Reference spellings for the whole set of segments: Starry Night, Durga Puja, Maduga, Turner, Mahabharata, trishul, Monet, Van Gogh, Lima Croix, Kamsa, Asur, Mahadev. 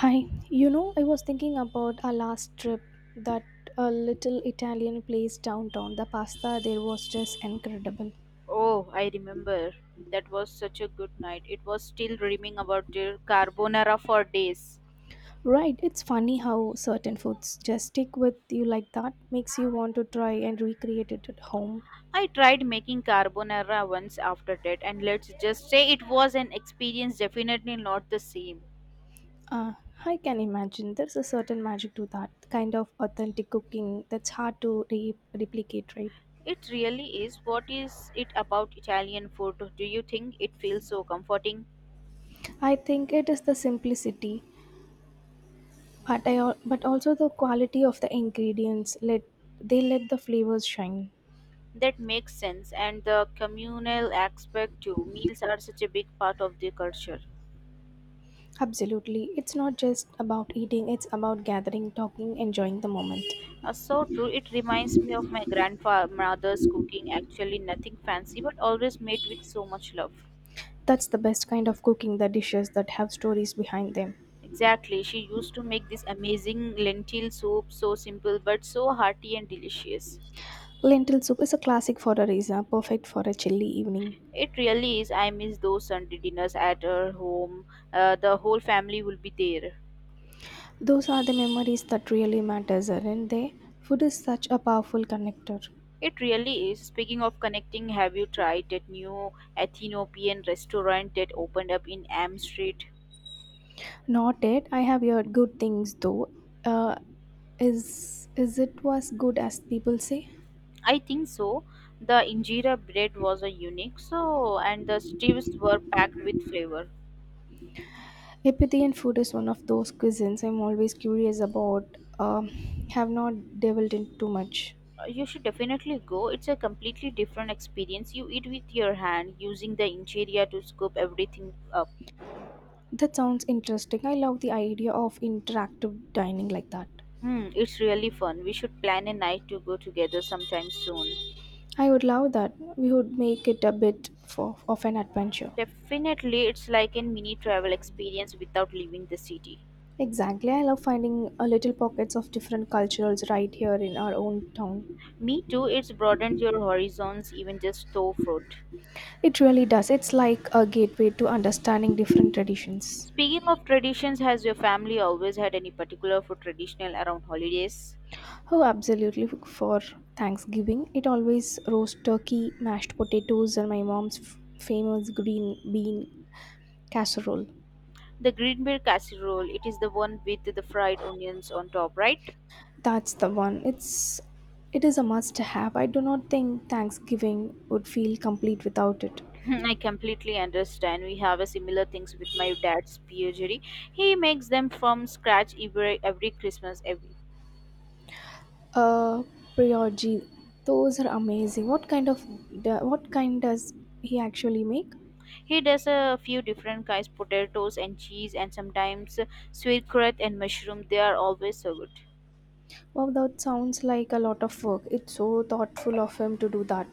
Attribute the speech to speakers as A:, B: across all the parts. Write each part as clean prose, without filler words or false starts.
A: Hi, you know, I was thinking about our last trip that a little Italian place downtown. The pasta there was just incredible.
B: Oh, I remember. That was such a good night. It was still dreaming about your carbonara for days.
A: Right, it's funny how certain foods just stick with you like that, makes you want to try and recreate it at home.
B: I tried making carbonara once after that, and let's just say it was an experience definitely not the same.
A: Uh, I can imagine there's a certain magic to that kind of authentic cooking that's hard to replicate, right?
B: It really is. What is it about Italian food? Do you think it feels so comforting?
A: I think it is the simplicity,
B: Hmm.
A: but but also the quality of the ingredients. Let they let the flavors shine.
B: That makes sense, and the communal aspect too. Meals are such a big part of their culture.
A: Absolutely. It's not just about eating, it's about gathering, talking, enjoying the moment.
B: So true. It reminds me of my grandmother's cooking. Actually, nothing fancy, but always made with so much love.
A: That's the best kind of cooking, the dishes that have stories behind them.
B: Exactly. She used to make this amazing lentil soup, so simple but so hearty and delicious.
A: Lentil soup is a classic for a reason, perfect for a chilly evening.
B: It really is. I miss those Sunday dinners at her home. The whole family will be there.
A: Those are the memories that really matters, aren't they? Food is such a powerful connector.
B: It really is. Speaking of connecting, have you tried that new Ethiopian restaurant that opened up in Am Street?
A: Not yet. I have heard good things though. Uh, is it was good as people say?
B: I think so. The injera bread was a unique, so and the stews were packed with flavor.
A: Epithian food is one of those cuisines I'm always curious about. Have not delved in too much.
B: You should definitely go. It's a completely different experience. You eat with your hand, using the injera to scoop everything up.
A: That sounds interesting. I love the idea of interactive dining like that.
B: Hmm, it's really fun. We should plan a night to go together sometime soon.
A: I would love that. We would make it a bit of an adventure.
B: Definitely, it's like a mini travel experience without leaving the city.
A: Exactly. I love finding little pockets of different cultures right here in our own town.
B: Me too. It's broadened your horizons, even just though food.
A: It really does. It's like a gateway to understanding different traditions.
B: Speaking of traditions, has your family always had any particular food traditional around holidays?
A: Oh, absolutely. For Thanksgiving, it always roast turkey, mashed potatoes, and my mom's famous green bean casserole.
B: The green bean casserole, it is the one with the fried onions on top, right?
A: That's the one. It is a must have. I do not think Thanksgiving would feel complete without it.
B: I completely understand. We have a similar things with my dad's bouchery. He makes them from scratch every Christmas. Every.
A: Uh, brioche. Those are amazing. What kind does he actually make?
B: He does a few different kinds, potatoes and cheese, and sometimes sauerkraut and mushroom. They are always so good.
A: Wow, that sounds like a lot of work. It's so thoughtful of him to do that.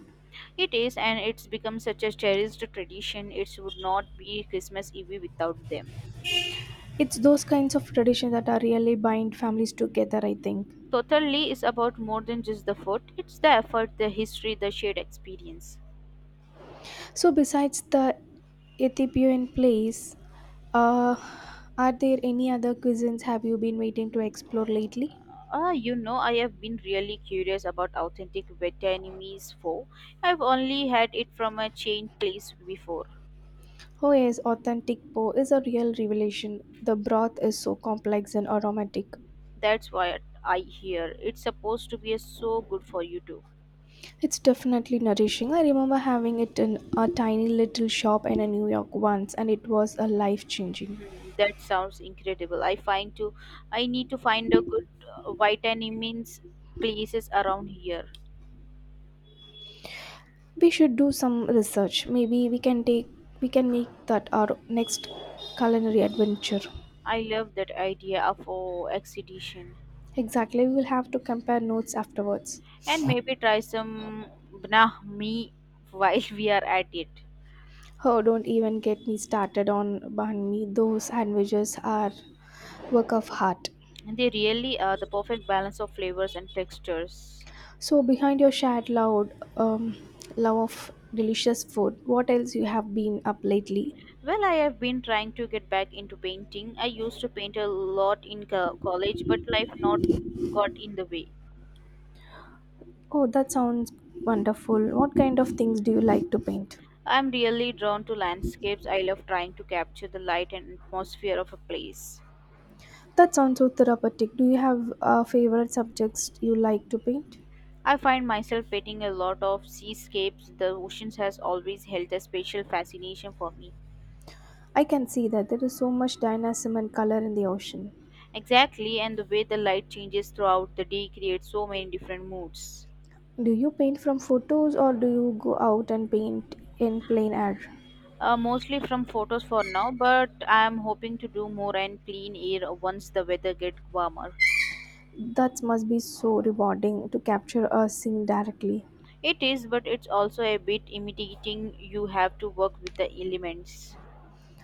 B: It is, and it's become such a cherished tradition. It would not be Christmas Eve without them.
A: It's those kinds of traditions that are really bind families together, I think.
B: Totally is about more than just the food. It's the effort, the history, the shared experience.
A: So, besides the Ethiopian place, uh, are there any other cuisines have you been waiting to explore lately?
B: Ah, you know, I have been really curious about authentic Vietnamese pho. I've only had it from a chain place before.
A: Oh yes, authentic po is a real revelation. The broth is so complex and aromatic.
B: That's why I hear it's supposed to be so good for you too.
A: It's definitely nourishing. I remember having it in a tiny little shop in a New York once and it was a life changing.
B: Hmm, that sounds incredible. I need to find a good Vietnamese places around here.
A: We should do some research, maybe we can make that our next culinary adventure.
B: I love that idea of oh, exhibition.
A: Exactly, we will have to compare notes afterwards.
B: And maybe try some brahmi while we are at it.
A: Oh, don't even get me started on banh mi, those sandwiches are work of heart.
B: They really are the perfect balance of flavors and textures.
A: So behind your shared loud love of delicious food, what else you have been up lately?
B: Well, I have been trying to get back into painting. I used to paint a lot in college, but life not got in the way.
A: Oh, that sounds wonderful. What kind of things do you like to paint?
B: I'm really drawn to landscapes. I love trying to capture the light and atmosphere of a place.
A: That sounds so therapeutic. Do you have favorite subjects you like to paint?
B: I find myself painting a lot of seascapes. The oceans has always held a special fascination for me.
A: I can see that there is so much dynamism and color in the ocean.
B: Exactly, and the way the light changes throughout the day creates so many different moods.
A: Do you paint from photos or do you go out and paint in plain air?
B: Mostly from photos for now, but I am hoping to do more and clean air once the weather gets warmer.
A: That must be so rewarding to capture a scene directly.
B: It is, but it's also a bit intimidating. You have to work with the elements.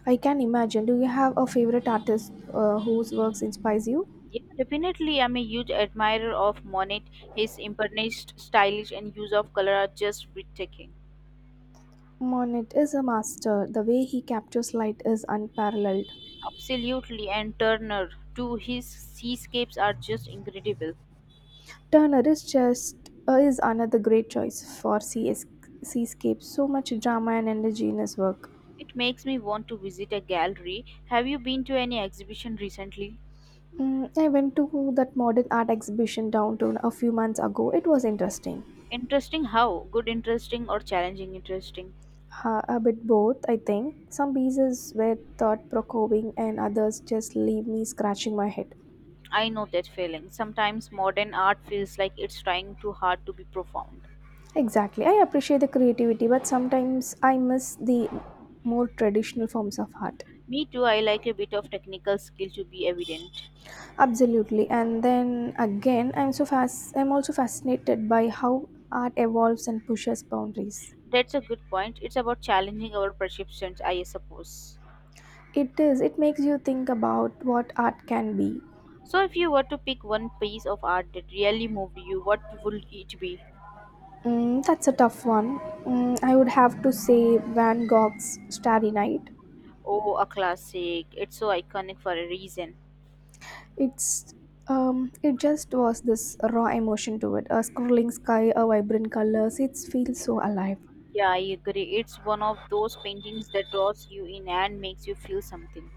A: I can imagine. Do you have a favorite artist whose works inspires you?
B: Yeah, definitely. I'm a huge admirer of Monet. His impernished, stylish, and use of color are just breathtaking.
A: Monet is a master. The way he captures light is unparalleled.
B: Absolutely, and Turner too. His seascapes are just incredible.
A: Turner is another great choice for CS seascape. So much drama and energy in his work.
B: It makes me want to visit a gallery. Have you been to any exhibition recently?
A: Mm, I went to that modern art exhibition downtown a few months ago. It was interesting.
B: Interesting how? Good interesting or challenging interesting?
A: A bit both, I think. Some pieces were thought provoking and others just leave me scratching my head.
B: I know that feeling. Sometimes modern art feels like it's trying too hard to be profound.
A: Exactly. I appreciate the creativity, but sometimes I miss the more traditional forms of art.
B: Me too, I like a bit of technical skill to be evident.
A: Absolutely. And then again, I'm so fast I'm also fascinated by how art evolves and pushes boundaries.
B: That's a good point. It's about challenging our perceptions, I suppose.
A: It is. It makes you think about what art can be.
B: So, if you were to pick one piece of art that really moved you, what would it be?
A: Mm, that's a tough one. Mm, I would have to say Van Gogh's Starry Night.
B: Oh, a classic. It's so iconic for a reason.
A: It's it just was this raw emotion to it. A scrolling sky, a vibrant colors. It feels so alive.
B: Yeah, I agree. It's one of those paintings that draws you in and makes you feel something.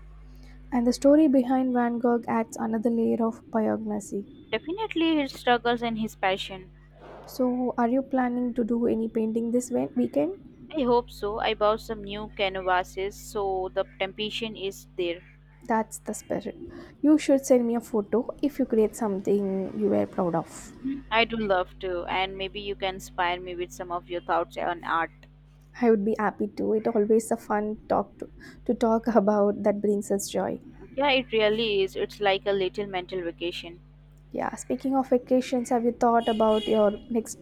A: And the story behind Van Gogh adds another layer of poignancy.
B: Definitely his struggles and his passion.
A: So, are you planning to do any painting this weekend?
B: I hope so. I bought some new canvases, so the temptation is there.
A: That's the spirit. You should send me a photo if you create something you were proud of.
B: I do love to, and maybe you can inspire me with some of your thoughts on art.
A: I would be happy to. It always a to talk about that brings us joy.
B: Yeah, it really is. It's like a little mental vacation.
A: Yeah, speaking of vacations, have you thought about your next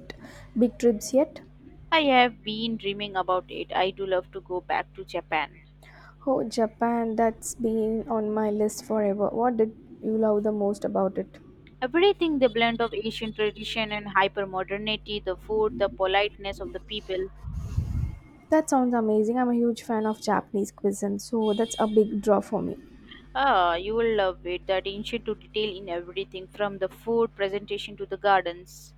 A: big trips yet?
B: I have been dreaming about it. I do love to go back to Japan.
A: Oh, Japan, that's been on my list forever. What did you love the most about it?
B: Everything the blend of Asian tradition and hyper modernity, the food, the politeness of the people.
A: That sounds amazing. I'm a huge fan of Japanese cuisine, so that's a big draw for me.
B: Ah, you will love it. That ancient to detail in everything from the food presentation to the gardens.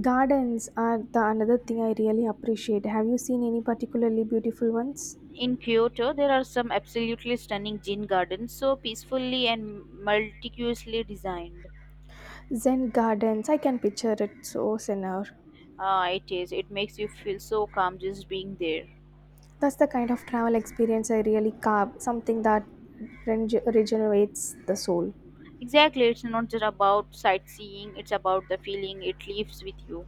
A: Gardens are the another thing I really appreciate. Have you seen any particularly beautiful ones?
B: In Kyoto, there are some absolutely stunning gin gardens, so peacefully and meticulously designed.
A: Zen gardens, I can picture it so senor.
B: Ah, it is. It makes you feel so calm just being there.
A: That's the kind of travel experience I really carve, something that regenerates the soul.
B: Exactly, it's not just about sightseeing, it's about the feeling it leaves with you.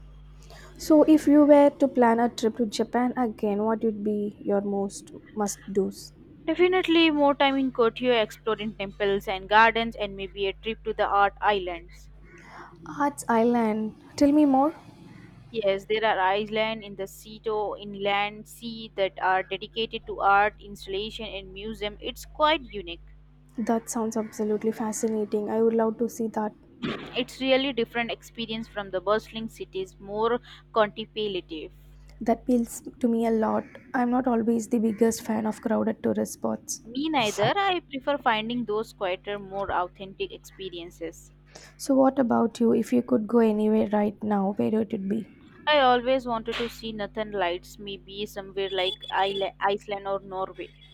A: So, if you were to plan a trip to Japan again, what would be your most must do's?
B: Definitely more time in Kyoto exploring temples and gardens and maybe a trip to the art islands.
A: Arts Island. Tell me more.
B: Yes, there are islands in the Seto inland sea that are dedicated to art, installation, and museum. It's quite unique.
A: That sounds absolutely fascinating. I would love to see that.
B: It's really different experience from the bustling cities, more contemplative.
A: That appeals to me a lot. I'm not always the biggest fan of crowded tourist spots.
B: Me neither. I prefer finding those quieter, more authentic experiences.
A: So, what about you? If you could go anywhere right now, where would it be?
B: I always wanted to see northern lights, maybe somewhere like Iceland or Norway.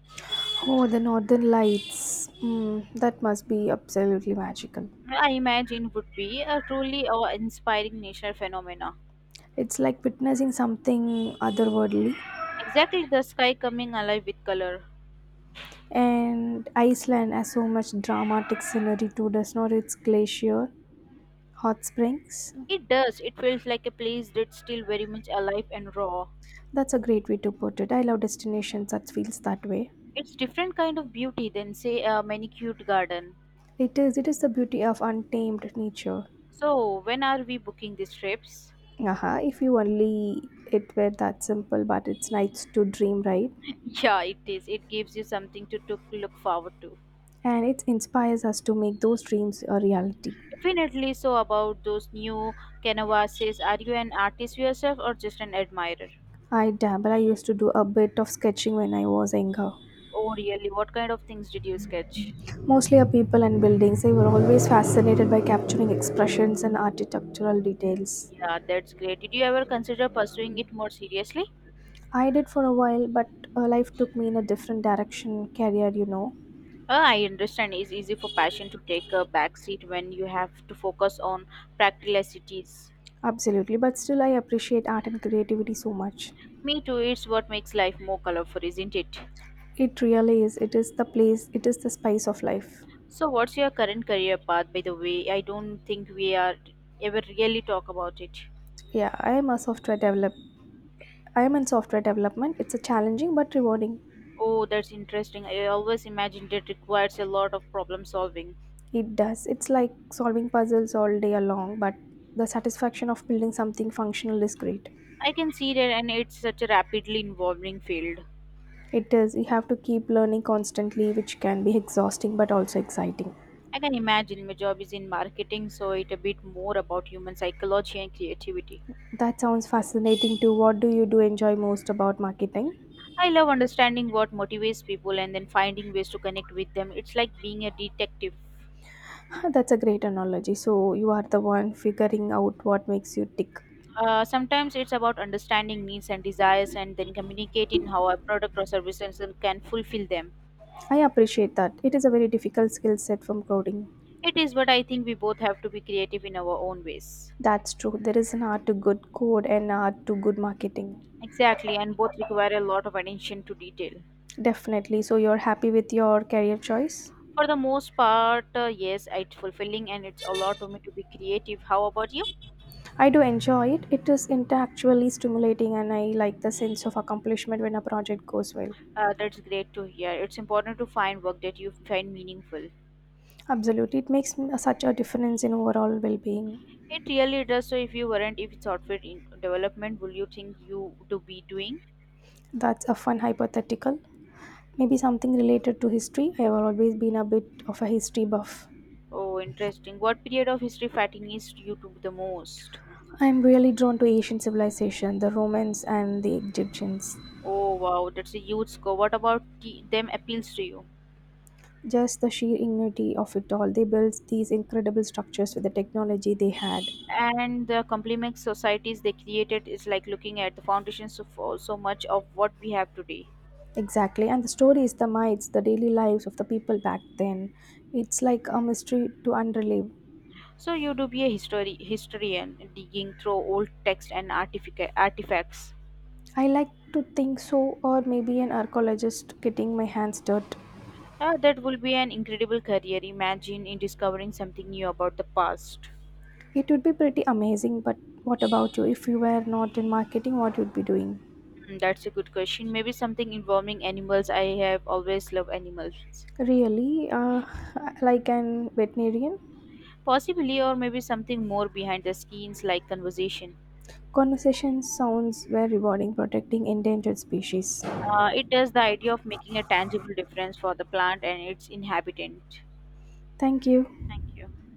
A: Oh, the northern lights. Mm, that must be absolutely magical.
B: I imagine would be a truly awe inspiring nature phenomena.
A: It's like witnessing something otherworldly.
B: Exactly the sky coming alive with color.
A: And Iceland has so much dramatic scenery too, does not its glacier, hot springs?
B: It does. It feels like a place that's still very much alive and raw.
A: That's a great way to put it. I love destinations that feels that way.
B: It's different kind of beauty than say a manicured garden.
A: It is the beauty of untamed nature.
B: So, when are we booking these trips?
A: Aha, if you only it were that simple, but it's nice to dream, right?
B: Yeah, it is. It gives you something to look forward to.
A: And it inspires us to make those dreams a reality.
B: Definitely. So, about those new canvases, are you an artist yourself or just an admirer?
A: I dabble, I used to do a bit of sketching when I was younger.
B: Oh, really? What kind of things did you sketch?
A: Mostly of people and buildings. I were always fascinated by capturing expressions and architectural details.
B: Yeah, that's great. Did you ever consider pursuing it more seriously?
A: I did for a while, but life took me in a different direction, career, you know.
B: I understand it's easy for passion to take a backseat when you have to focus on practicalities.
A: Absolutely, but still, I appreciate art and creativity so much.
B: Me too, it's what makes life more colorful, isn't it?
A: It really is. It is the place, it is the spice of life.
B: So, what's your current career path, by the way? I don't think we are ever really talk about it.
A: Yeah, I am a software develop. I am in software development. It's a challenging but rewarding.
B: Oh, that's interesting. I always imagined it requires a lot of problem solving.
A: It does. It's like solving puzzles all day long, but the satisfaction of building something functional is great.
B: I can see that, and it's such a rapidly evolving field.
A: It is. You have to keep learning constantly, which can be exhausting but also exciting.
B: I can imagine my job is in marketing, so it's a bit more about human psychology and creativity.
A: That sounds fascinating too. What do you do enjoy most about marketing?
B: I love understanding what motivates people and then finding ways to connect with them. It's like being a detective.
A: That's a great analogy. So you are the one figuring out what makes you tick.
B: Sometimes it's about understanding needs and desires and then communicating how a product or services can fulfill them.
A: I appreciate that. It is a very difficult skill set from coding.
B: It is, but I think we both have to be creative in our own ways.
A: That's true. There is an art to good code and art to good marketing.
B: Exactly, and both require a lot of attention to detail.
A: Definitely. So you're happy with your career choice?
B: For the most part, yes, it's fulfilling and it's a lot to me to be creative. How about you?
A: I do enjoy it. It is intellectually stimulating and I like the sense of accomplishment when a project goes well.
B: That's great to hear. It's important to find work that you find meaningful.
A: Absolutely. It makes such a difference in overall well being.
B: It really does. So, if you weren't, if it's outfit in development, will you think you to be doing?
A: That's a fun hypothetical. Maybe something related to history. I have always been a bit of a history buff.
B: Oh, interesting. What period of history fascinates you to the most?
A: I'm really drawn to Asian civilization, the Romans and the Egyptians.
B: Oh, wow, that's a huge score. What about the, them appeals to you?
A: Just the sheer ingenuity of it all. They built these incredible structures with the technology they had.
B: And the complex societies they created is like looking at the foundations of so much of what we have today.
A: Exactly. And the stories, the myths, the daily lives of the people back then. It's like a mystery to unrelieve.
B: So you do be a history historian, digging through old texts and artifacts.
A: I like to think so, or maybe an archaeologist getting my hands dirt.
B: Ah, that will be an incredible career. Imagine in discovering something new about the past.
A: It would be pretty amazing, but what about you? If you were not in marketing, what would be doing?
B: Mm, that's a good question. Maybe something involving animals. I have always loved animals.
A: Really, like an veterinarian?
B: Possibly, or maybe something more behind the scenes like conversation.
A: Conversation sounds very rewarding, protecting endangered species.
B: It does the idea of making a tangible difference for the plant and its inhabitant.
A: Thank you.
B: Thank you.